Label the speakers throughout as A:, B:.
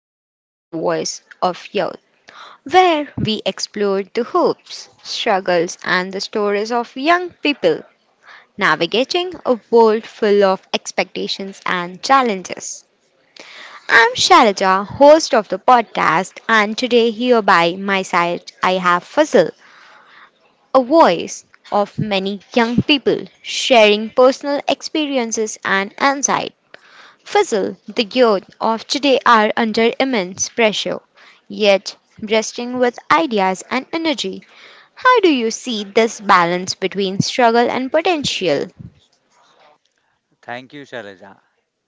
A: welcome to Voice of Youth, where we explore the hopes, struggles, and the stories of young people navigating a world full of expectations and challenges. I'm Shalaja, host of the podcast, and today here by my side I have Fazil, a voice of many young people sharing personal experiences and insight. Fizzle, the youth of today are under immense pressure, yet bursting with ideas and energy. How do you see this balance between struggle and potential?
B: Thank you, Shalaja.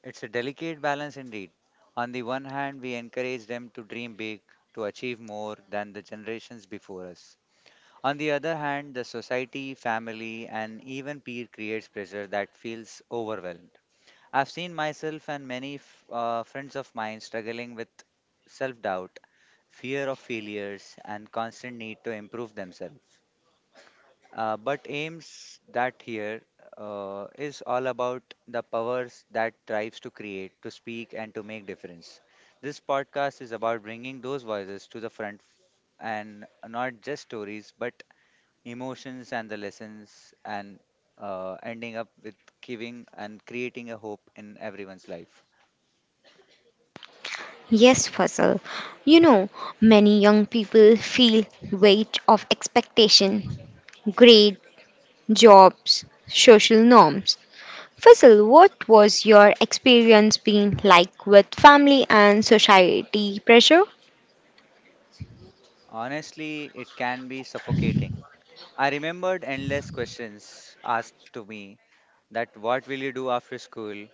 B: It's a delicate balance indeed. On the one hand, we encourage them to dream big, to achieve more than the generations before us. On the other hand, the society, family, and even peer creates pressure that feels overwhelmed. I've seen myself and many friends of mine struggling with self doubt, fear of failures, and constant need to improve themselves. But aims that here is all about the powers that drives to create, to speak, and to make difference. This podcast is about bringing those voices to the front and not just stories, but emotions and the lessons, and ending up with giving and creating a hope in everyone's life.
A: Yes, Fizzle. You know, many young people feel weight of expectation, grade, jobs, social norms. Fizzle, what was your experience being like with family and society pressure?
B: Honestly, it can be suffocating. I remembered endless questions asked to me that what will you do after school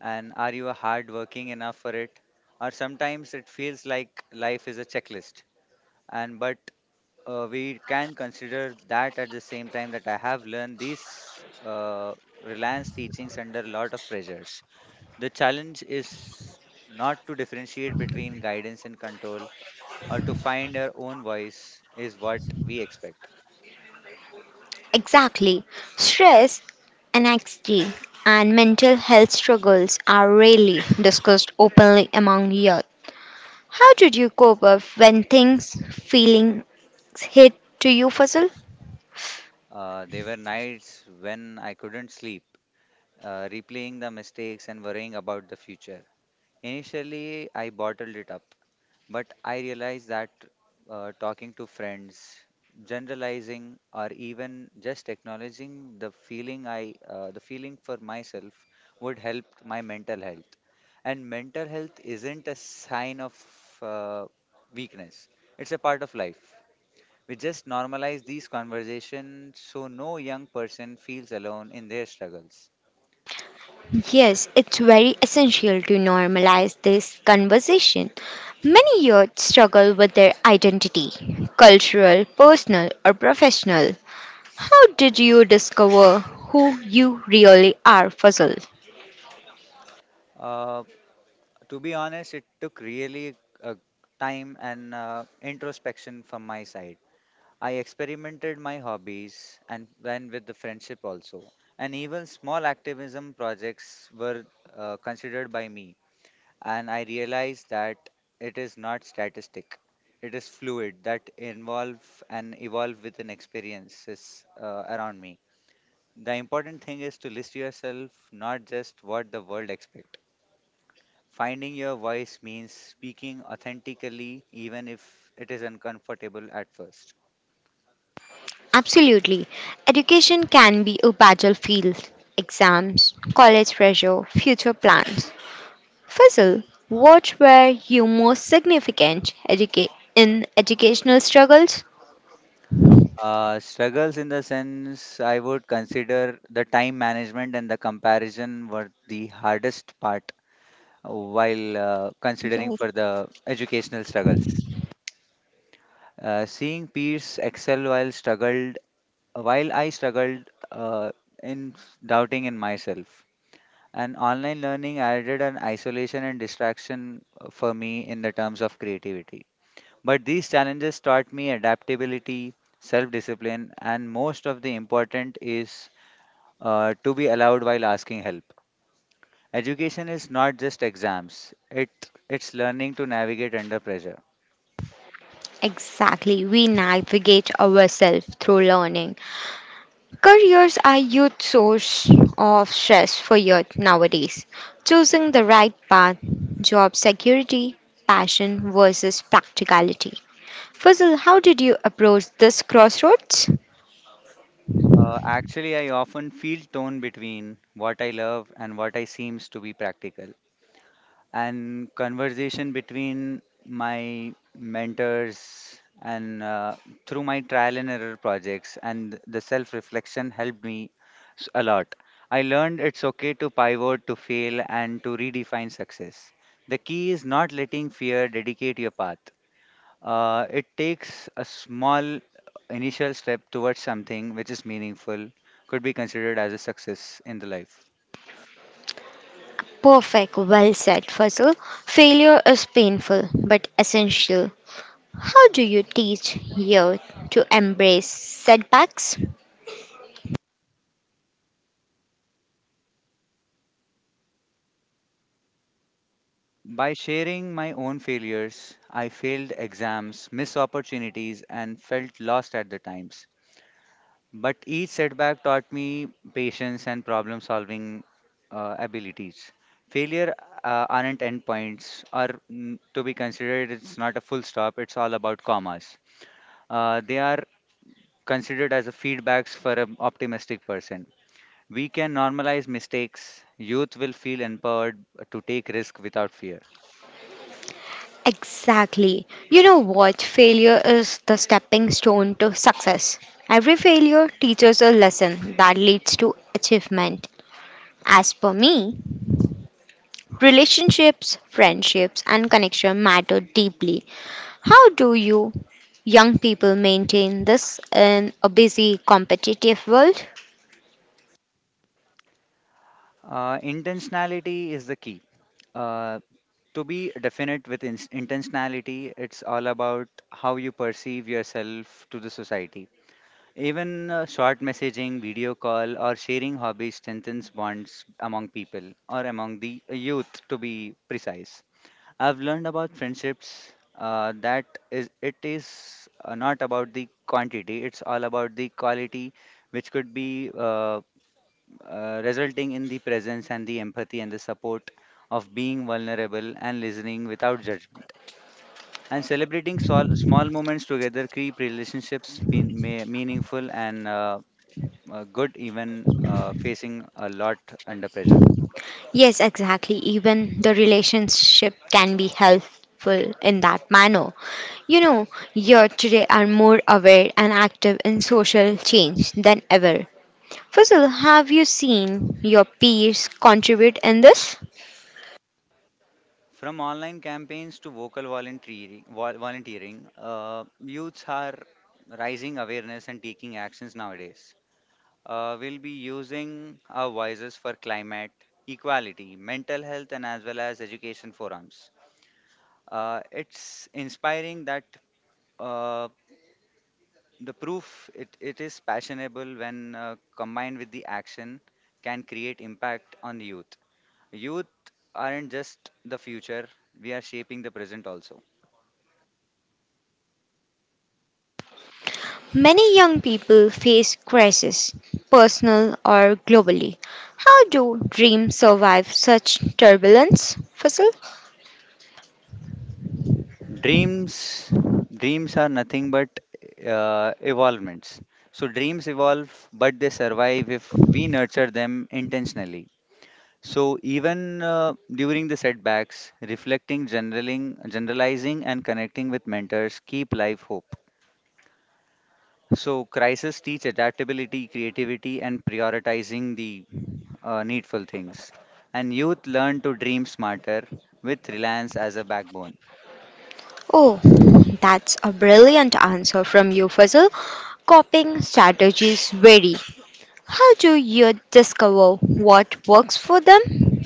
B: and are you hardworking enough for it? Or sometimes it feels like life is a checklist, and but we can consider that at the same time that I have learned these Reliance teachings under a lot of pressures. The challenge is not to differentiate between guidance and control or to find our own voice is what we expect.
A: Exactly. Stress, anxiety, and mental health struggles are rarely discussed openly among youth. How did you cope up when things, feelings hit to you, Fazal?
B: There were nights when I couldn't sleep replaying the mistakes and worrying about the future. Initially, I bottled it up, but I realized that talking to friends, generalizing, or even just acknowledging the feeling for myself, would help my mental health. And mental health isn't a sign of uh, weakness; it's a part of life. We just normalize these conversations so no young person feels alone in their struggles.
A: Yes, it's very essential to normalize this conversation. Many youth struggle with their identity, cultural, personal, or professional. How did you discover who you really are, Fazal?
B: Uh, To be honest, it took really uh, time and introspection from my side. I experimented my hobbies and then with the friendship also. And even small activism projects were considered by me. And I realized that it is not statistic. It is fluid that involve and evolve with an experiences around me. The important thing is to list yourself, not just what the world expects. Finding your voice means speaking authentically, even if it is uncomfortable at first.
A: Absolutely. Education can be a battlefield. Exams, college pressure, future plans. Fizzle, what were your most significant in educational struggles?
B: Struggles in the sense I would consider the time management and the comparison were the hardest part while considering
A: Yes.
B: for the educational struggles. Seeing peers excel while struggled, while I struggled uh, in doubting in myself. And online learning added an isolation and distraction for me in the terms of creativity. But these challenges taught me adaptability, self discipline, and most of the important is to be allowed while asking help. Education is not just exams, it, it's learning to navigate under pressure.
A: Exactly, we navigate ourselves through learning. Careers are huge source of stress for youth nowadays. Choosing the right path, job security, passion versus practicality. Fuzzle, how did you approach this crossroads?
B: Actually, I often feel torn between what I love and what I seems to be practical. And conversation between my mentors and through my trial and error projects and the self reflection helped me a lot. I learned it's okay to pivot to fail and to redefine success. The key is not letting fear dedicate your path. Uh, it takes a small initial step towards something which is meaningful could be considered as a success in the life.
A: Perfect, well said, Fuzzle. Failure is painful but essential. How do you teach youth to embrace setbacks?
B: By sharing my own failures, I failed exams, missed opportunities, and felt lost at the times. But each setback taught me patience and problem solving abilities. Failure aren't endpoints, or to be considered, it's not a full stop, it's all about commas. They are considered as a feedbacks for an optimistic person. We can normalize mistakes. Youth will feel empowered to take risk without fear.
A: Exactly. You know what? Failure is the stepping stone to success. Every failure teaches a lesson that leads to achievement. As per me, relationships, friendships, and connection matter deeply. How do you young people maintain this in a busy, competitive world?
B: Intentionality is the key. Uh, to be definite with ins intentionality, it's all about how you perceive yourself to the society. Even short messaging, video call, or sharing hobbies strengthens bonds among people or among the youth, to be precise. I've learned about friendships that it is not about the quantity, it's all about the quality, which could be resulting in the presence and the empathy and the support of being vulnerable and listening without judgment. And celebrating small moments together create relationships meaningful and good, even facing a lot under pressure.
A: Yes, exactly. Even the relationship can be helpful in that manner. You know, youth today are more aware and active in social change than ever. Fazil, have you seen your peers contribute in this?
B: From online campaigns to vocal volunteering, volunteering youths are rising awareness and taking actions nowadays. We'll be using our voices for climate, equality, mental health, and as well as education forums. It's inspiring that uh, the proof it is passionable when combined with the action can create impact on the youth. Youth aren't just the future, we are shaping the present also.
A: Many young people face crisis, personal or globally. How do dreams survive such turbulence, Fazil?
B: dreams dreams are nothing but evolvements. So dreams evolve but they survive if we nurture them intentionally. So even during the setbacks reflecting generaling generalizing and connecting with mentors keep life hope. So crises teach adaptability creativity and prioritizing the needful things and youth learn to dream smarter with reliance as a backbone.
A: Oh, that's a brilliant answer from you, Fuzzle. Copying strategies vary. How do you discover what works for them?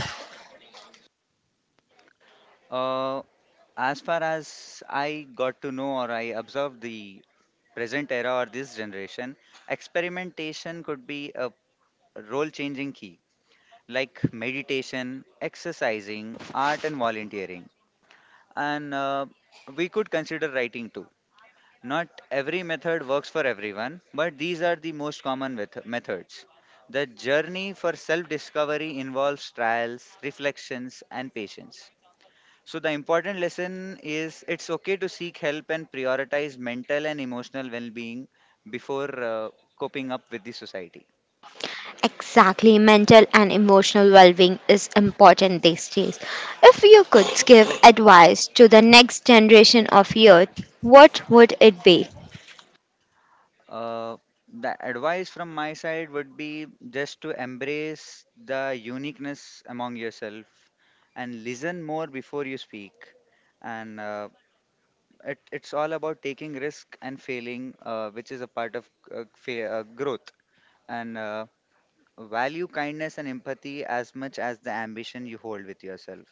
B: Uh, as far as I got to know or I observed the present era or this generation, experimentation could be a role changing key, like meditation, exercising, art, and volunteering. And we could consider writing too. Not every method works for everyone, but these are the most common methods. The journey for self discovery involves trials, reflections, and patience. So, the important lesson is it's okay to seek help and prioritize mental and emotional well being before coping up with the society.
A: Exactly, mental and emotional well being is important these days. If you could give advice to the next generation of youth, what would it be?
B: Uh, the advice from my side would be just to embrace the uniqueness among yourself and listen more before you speak. And it's all about taking risk and failing, which is a part of growth. And Value kindness and empathy as much as the ambition you hold with yourself.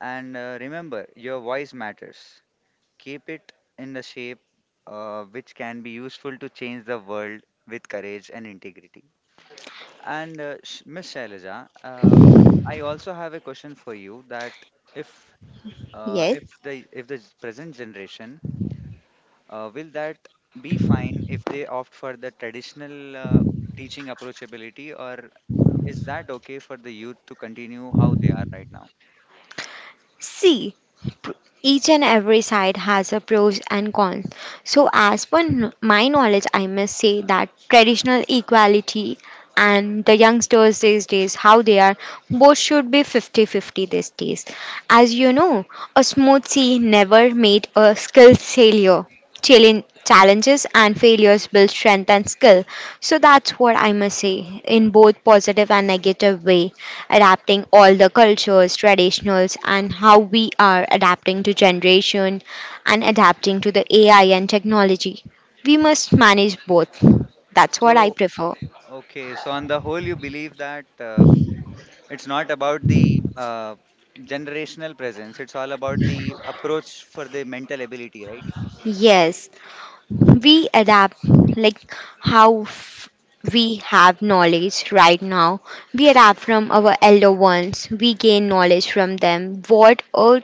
B: And remember, your voice matters. Keep it in the shape which can be useful to change the world with courage and integrity. And Miss Shailaja, I also have a question for you that if
A: Yes.
B: if the present generation will that be fine if they opt for the traditional teaching approachability or is that okay for the youth to continue how they are right now?
A: See, pr- each and every side has a pros and cons. So, as per my knowledge, I must say that traditional equality and the youngsters these days, how they are, both should be 50-50 these days. As you know, a smooth sea never made a skilled sailor. Challenges and failures build strength and skill. So that's what I must say, in both positive and negative way, adapting all the cultures, traditionals, and how we are adapting to generation and adapting to the AI and technology. We must manage both. That's what I
B: So,
A: prefer.
B: okay, so on the whole, you believe that it's not about the generational presence, it's all about the approach for the mental ability, right?
A: Yes, we adapt like how we have knowledge right now. We adapt from our elder ones, we gain knowledge from them. What all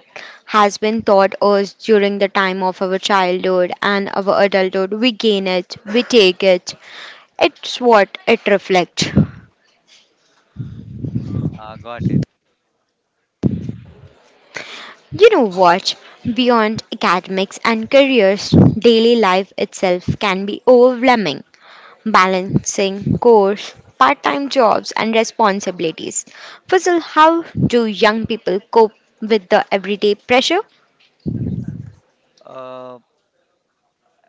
A: has been taught us during the time of our childhood and our adulthood, we gain it, we take it. It's what it reflects.
B: Got it.
A: You know what? Beyond academics and careers, daily life itself can be overwhelming. Balancing course, part time jobs, and responsibilities. Fuzzle, how do young people cope with the everyday pressure?
B: Uh,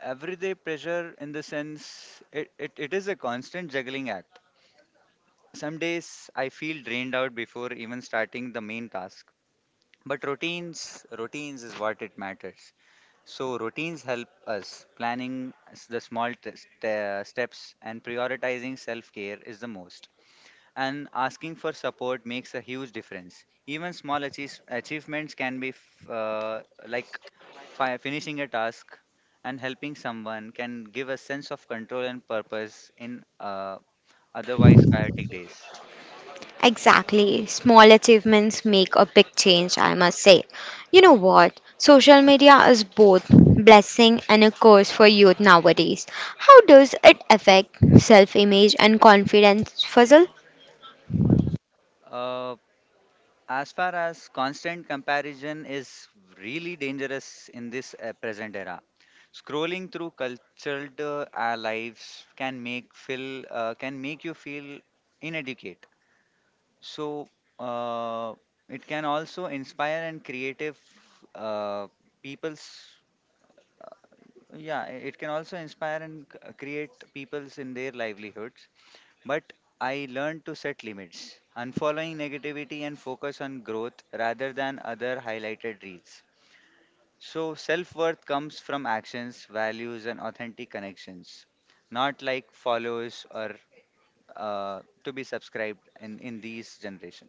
B: everyday pressure, in the sense, it is a constant juggling act. Some days I feel drained out before even starting the main task. But routines, routines is what it matters. So, routines help us. Planning the small steps and prioritizing self care is the most. And asking for support makes a huge difference. Even small achievements can be like finishing a task and helping someone can give a sense of control and purpose in uh, otherwise chaotic days.
A: Exactly. Small achievements make a big change, I must say. You know what? Social media is both blessing and a curse for youth nowadays. How does it affect self-image and confidence, Fuzzle?
B: Uh, As far as constant comparison is really dangerous in this present era, scrolling through cultured our lives can make feel can make you feel inadequate. So uh, it can also inspire and creative uh, people's yeah, I- it can also inspire and create peoples in their livelihoods. But I learned to set limits, unfollowing negativity and focus on growth rather than other highlighted reels. So self worth comes from actions, values, and authentic connections, not like follows or to be subscribed in these generation.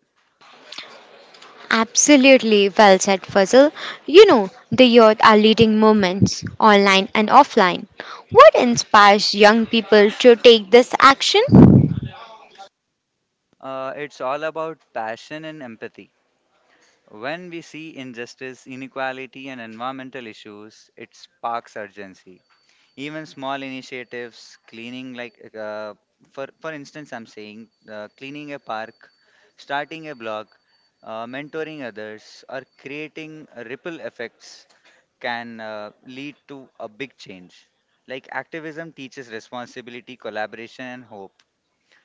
A: Absolutely well said, Fuzzle. You know, the youth are leading movements, online and offline. What inspires young people to take this action?
B: It's all about passion and empathy. When we see injustice, inequality, and environmental issues, it sparks urgency. Even small initiatives, cleaning, like for instance, I'm saying cleaning a park, starting a blog, mentoring others, or creating ripple effects can lead to a big change. Like activism teaches responsibility, collaboration, and hope.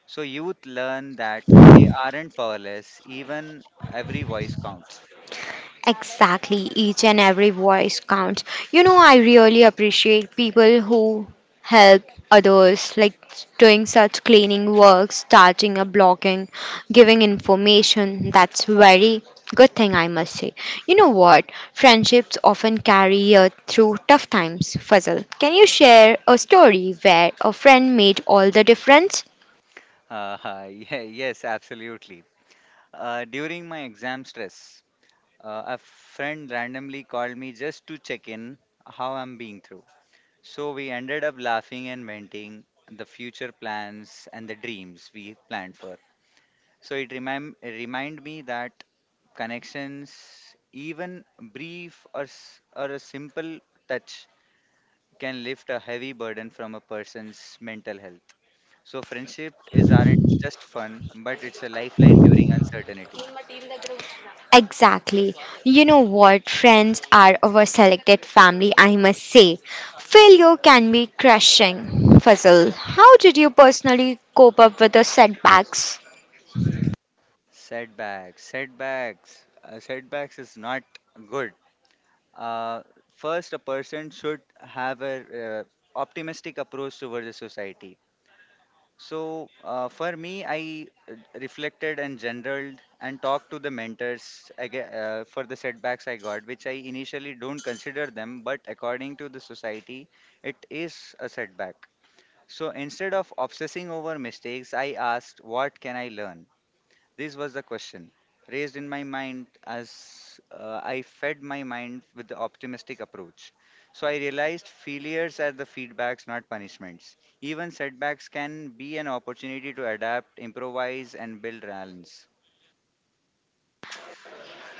B: So youth learn that they aren't powerless, even every voice counts.
A: Exactly, each and every voice counts. You know, I really appreciate people who help others, like doing such cleaning work, starting a blogging, giving information. That's very good thing, I must say. You know what? Friendships often carry you through tough times. Fuzzle, can you share a story where a friend made all the difference?
B: Yeah, yes, absolutely. During my exam stress, a friend randomly called me just to check in how I'm being through. So we ended up laughing and venting the future plans and the dreams we planned for. So it remind me that connections, even brief or a simple touch, can lift a heavy burden from a person's mental health. So friendship is aren't just fun, but it's a lifeline during uncertainty.
A: Exactly. You know what? Friends are our selected family, I must say. Failure can be crushing. Fuzzle, how did you personally cope up with the setbacks?
B: Setbacks is not good. Uh, first, a person should have a uh, optimistic approach towards the society. So for me, I reflected and generaled and talked to the mentors aga for the setbacks I got, which I initially don't consider them, but according to the society, it is a setback. So instead of obsessing over mistakes, I asked, "What can I learn?" This was the question raised in my mind as I fed my mind with the optimistic approach. So I realized failures are the feedbacks, not punishments. Even setbacks can be an opportunity to adapt, improvise, and build resilience.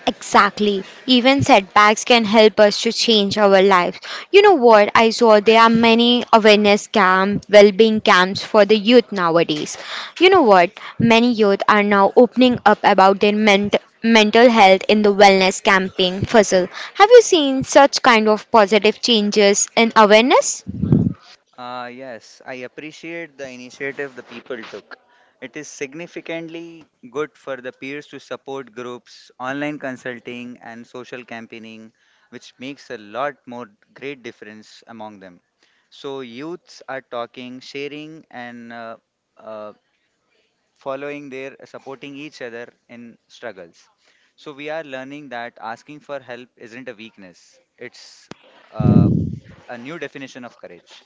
A: Exactly. Even setbacks can help us to change our lives. You know what? I saw there are many awareness camps, well-being camps for the youth nowadays. You know what? Many youth are now opening up about their mental health in the wellness camping, Fuzzle. Have you seen such kind of positive changes in awareness?
B: Yes, I appreciate the initiative the people took. It is significantly good for the peers to support groups, online consulting, and social campaigning, which makes a lot more great difference among them. So youths are talking, sharing, and uh, following their supporting each other in struggles. So we are learning that asking for help isn't a weakness; it's uh, a new definition of courage.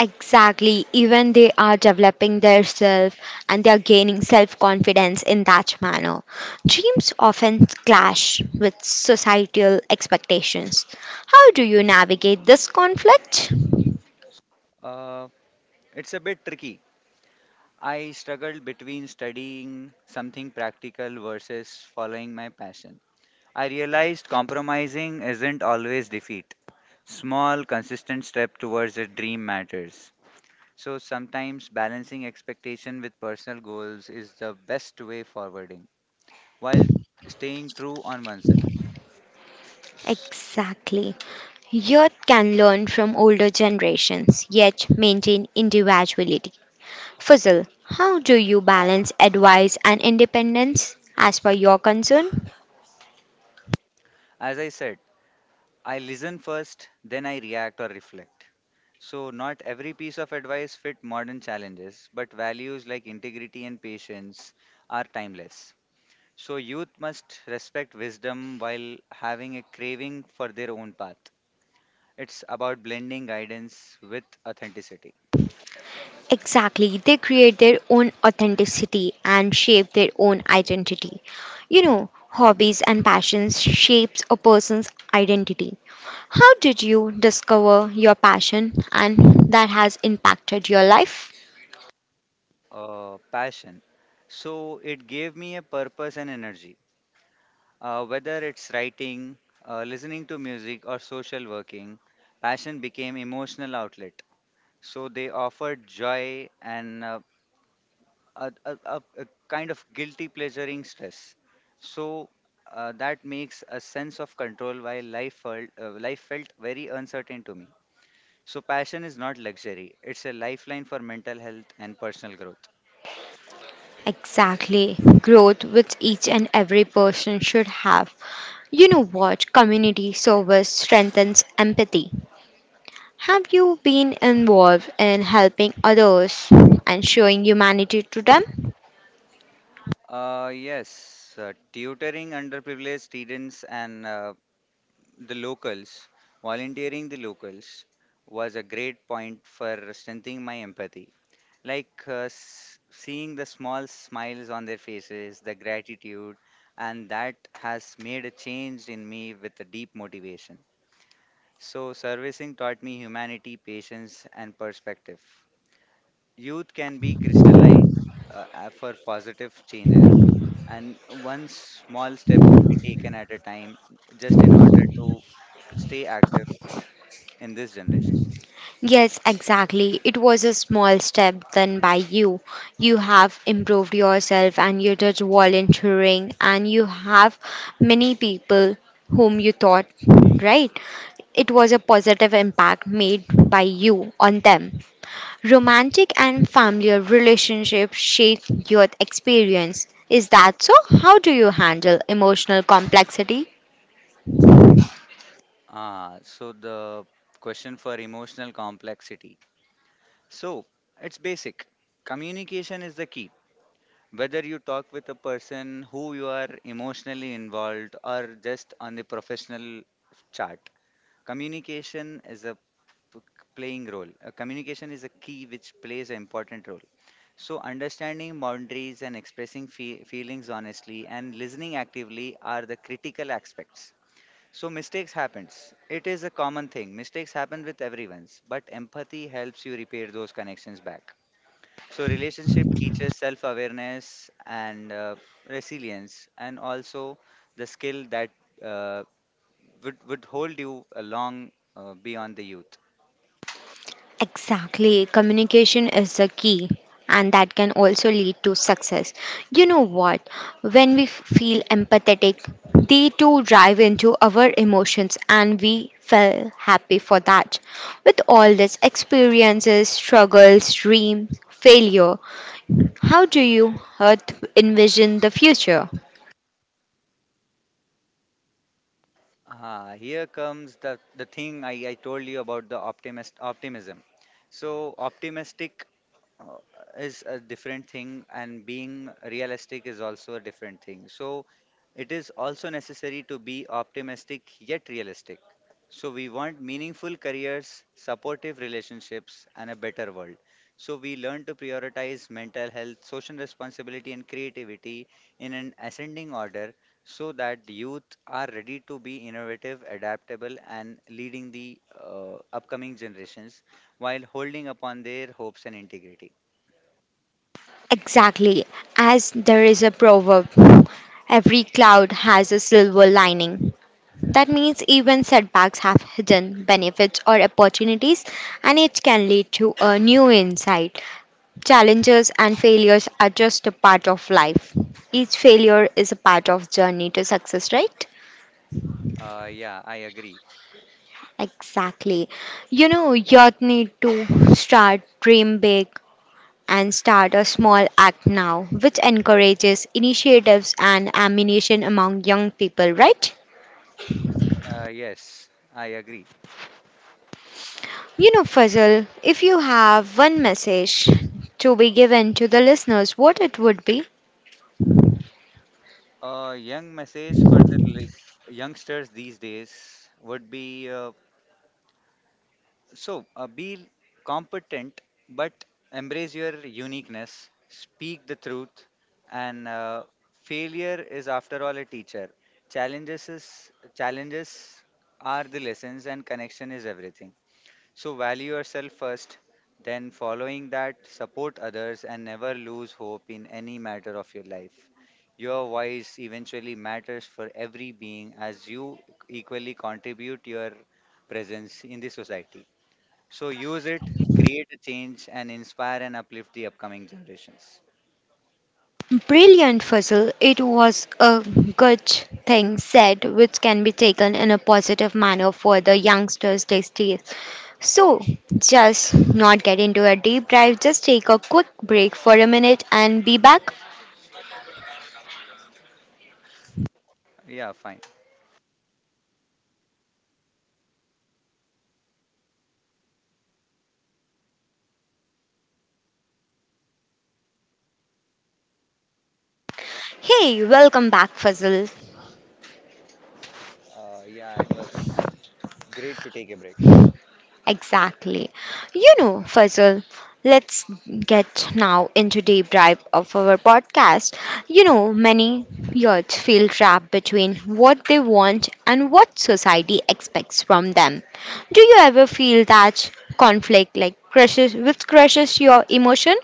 A: Exactly. Even they are developing their self and they are gaining self confidence in that manner. Dreams often clash with societal expectations. How do you navigate this conflict?
B: Uh, It's a bit tricky. I struggled between studying something practical versus following my passion. I realized compromising isn't always defeat. Small, consistent step towards a dream matters. So sometimes balancing expectation with personal goals is the best way forwarding while staying true on oneself. S-
A: Exactly. Youth can learn from older generations, yet maintain individuality. Fuzzle, how do you balance advice and independence as per your concern?
B: As I said, I listen first, then I react or reflect. So, not every piece of advice fit modern challenges, but values like integrity and patience are timeless. So, youth must respect wisdom while having a craving for their own path. It's about blending guidance with authenticity.
A: Exactly. They create their own authenticity and shape their own identity. You know, hobbies and passions shapes a person's identity. How did you discover your passion and that has impacted your life?
B: Passion. So, it gave me a purpose and energy. Whether it's writing, listening to music, or social working, passion became emotional outlet. So they offer joy and a kind of guilty pleasuring stress. So that makes a sense of control while life felt very uncertain to me. So passion is not luxury, it's a lifeline for mental health and personal growth.
A: Exactly. Growth which each and every person should have. You know what? Community service strengthens empathy. Have you been involved in helping others and showing humanity to them?
B: Yes, tutoring underprivileged students and the locals, volunteering the locals was a great point for strengthening my empathy. Like seeing the small smiles on their faces, the gratitude, and that has made a change in me with a deep motivation. So, servicing taught me humanity, patience, and perspective. Youth can be crystallized for positive changes, and one small step could be taken at a time just in order to stay active in this generation.
A: Yes, exactly. It was a small step done by you. You have improved yourself and you did volunteering, and you have many people whom you thought, right? It was a positive impact made by you on them. Romantic and familiar relationships shape your experience. Is that so? How do you handle emotional complexity?
B: Ah, so the question for emotional complexity. So it's basic. Communication is the key. Whether you talk with a person who you are emotionally involved or just on the professional chart, communication is a p- playing role. Communication is a key which plays an important role. So, understanding boundaries and expressing feelings honestly and listening actively are the critical aspects. So mistakes happens. It is a common thing. Mistakes happen with everyone's, but empathy helps you repair those connections back. So relationship teaches self-awareness and resilience, and also the skill that uh, would hold you along beyond the youth.
A: Exactly. Communication is the key, and that can also lead to success. You know what? When we feel empathetic, they too drive into our emotions, and we feel happy for that. With all these experiences, struggles, dreams, failure, how do you envision the future?
B: Ah, here comes the thing I told you about the optimist optimism. So optimistic uh, is a different thing and being realistic is also a different thing. So it is also necessary to be optimistic yet realistic. So we want meaningful careers, supportive relationships and a better world. So we learn to prioritize mental health, social responsibility and creativity in an ascending order so that the youth are ready to be innovative, adaptable, and leading the upcoming generations while holding upon their hopes and integrity.
A: Exactly. As there is a proverb, every cloud has a silver lining. That means even setbacks have hidden benefits or opportunities, and it can lead to a new insight. Challenges and failures are just a part of life. Each failure is a part of journey to success, right?
B: Yeah, I agree.
A: Exactly. You know, you need to start dream big and start a small act now, which encourages initiatives and ammunition among young people, right?
B: Yes, I agree.
A: You know, Fazal, if you have one message to be given to the listeners, what it would be?
B: A young message for the youngsters these days would be be competent, but embrace your uniqueness, speak the truth, and failure is after all a teacher. Challenges are the lessons, and connection is everything. So value yourself first, then following that, support others, and never lose hope in any matter of your life. Your voice eventually matters for every being as you equally contribute your presence in the society. So use it, create a change, and inspire and uplift the upcoming generations.
A: Brilliant, Fazal. It was a good thing said, which can be taken in a positive manner for the youngsters these days. So, just not get into a deep dive, just take a quick break for a minute and be back.
B: Yeah, fine.
A: Hey, welcome back, Fazal.
B: Yeah, it was great to take a break.
A: Exactly. You know, Fazal, let's get now into deep dive of our podcast. You know, many youths feel trapped between what they want and what society expects from them. Do you ever feel that conflict like crushes which crushes your emotion?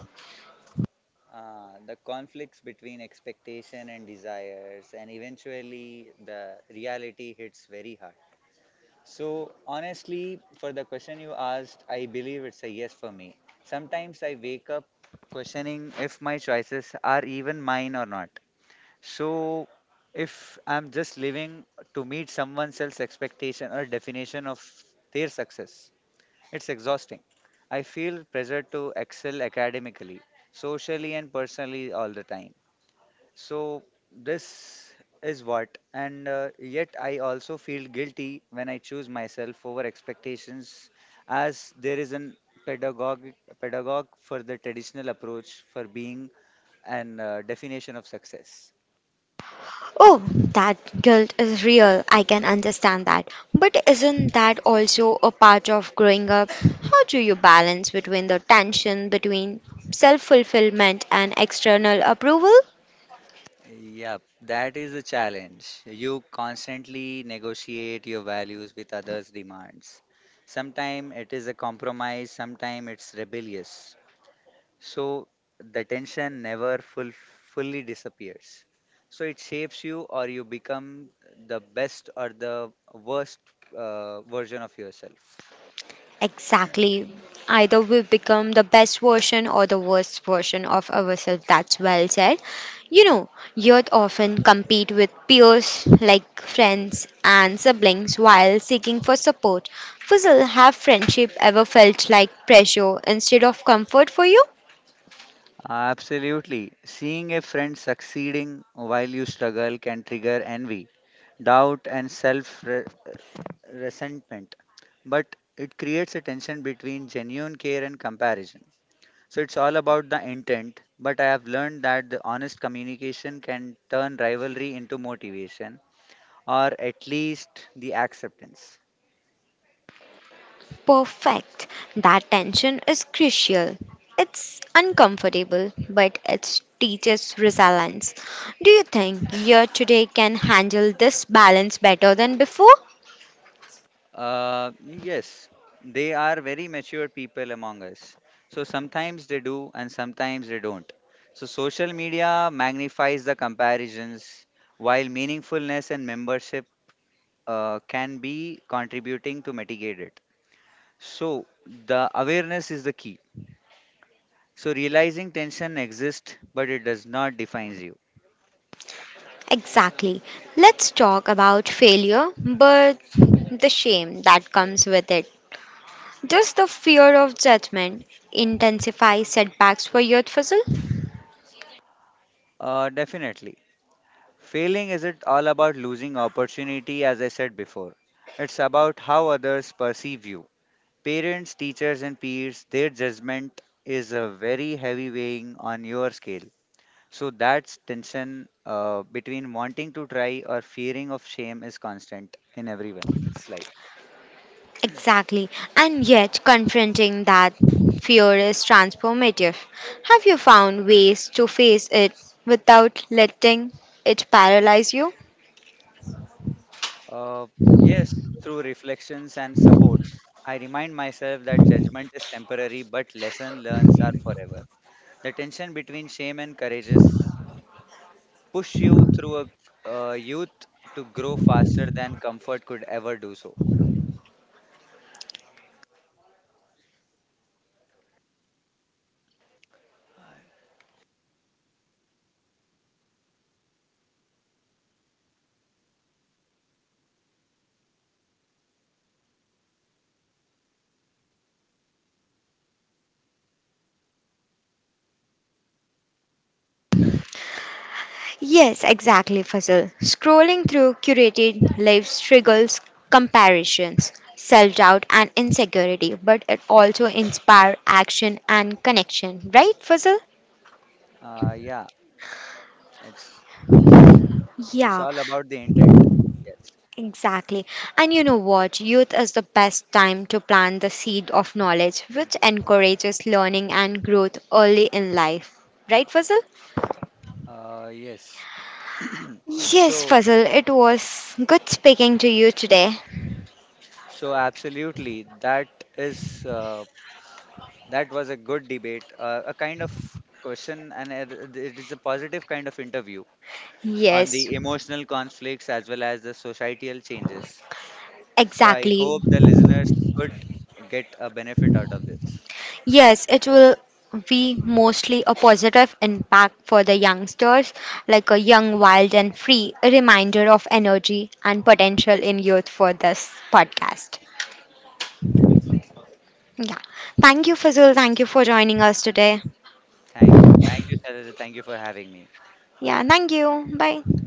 B: The conflicts between expectation and desires, and eventually the reality hits very hard. So, honestly, for the question you asked, I believe it's a yes for me. Sometimes I wake up questioning if my choices are even mine or not. So, if I'm just living to meet someone else's expectation or definition of their success, it's exhausting. I feel pressure to excel academically, socially, and personally all the time. So, this is what, and yet I also feel guilty when I choose myself over expectations, as there is an pedagogic pedagogue for the traditional approach for being and definition of success.
A: Oh, that guilt is real. I can understand that. But isn't that also a part of growing up? How do you balance between the tension between self fulfillment and external approval?
B: Yep, that is a challenge. You constantly negotiate your values with others' demands. Sometimes it is a compromise, sometimes it's rebellious. So the tension never full, fully disappears. So it shapes you, or you become the best or the worst version of yourself.
A: Exactly. Either we become the best version or the worst version of ourselves. That's well said. You know, youth often compete with peers like friends and siblings while seeking for support. Fuzzle, have friendship ever felt like pressure instead of comfort for you?
B: Absolutely. Seeing a friend succeeding while you struggle can trigger envy, doubt, and self resentment, but it creates a tension between genuine care and comparison. So it's all about the intent, but I have learned that the honest communication can turn rivalry into motivation or at least the acceptance.
A: Perfect. That tension is crucial. It's uncomfortable, but it teaches resilience. Do you think year today can handle this balance better than before?
B: Yes, they are very mature people among us. So sometimes they do and sometimes they don't. So social media magnifies the comparisons while meaningfulness and membership can be contributing to mitigate it. So, the awareness is the key. So, realizing tension exists, but it does not define you.
A: Exactly. Let's talk about failure, but the shame that comes with it. Does the fear of judgment intensify setbacks for youth, Fizzle?
B: Definitely. Failing isn't all about losing opportunity, as I said before. It's about how others perceive you. Parents, teachers, and peers, their judgment is a very heavy weighing on your scale. So, that tension between wanting to try or fearing of shame is constant in everyone's life.
A: Exactly. And yet, confronting that fear is transformative. Have you found ways to face it without letting it paralyze you?
B: Uh, yes, through reflections and support, I remind myself that judgment is temporary, but lesson learns are forever. The tension between shame and courageous push you through a youth to grow faster than comfort could ever do so.
A: Yes, exactly, Fazil. Scrolling through curated lives triggers comparisons, self doubt, and insecurity, but it also inspires action and connection, right, Fazil?
B: Uh, yeah, it's it's
A: Yeah,
B: all about the intent. Yes.
A: exactly. And you know what? Youth is the best time to plant the seed of knowledge, which encourages learning and growth early in life. Right, Fazil?
B: Yes.
A: Yes,
B: so
A: Fazil, it was good speaking to you today.
B: so absolutely that is that was a good debate, a kind of question, and it is a positive kind of interview on
A: Yes,
B: the emotional conflicts as well as the societal changes. So I
A: exactly.
B: hope the listeners could get a benefit out of this.
A: Yes, it will be mostly a positive impact for the youngsters, like a young, wild, and free, a reminder of energy and potential in youth for this podcast. Yeah. Thank you, Fazul. Thank you for joining us today.
B: Thank you. Thank you, Shailaja. Thank you for having me.
A: Yeah. Thank you. Bye.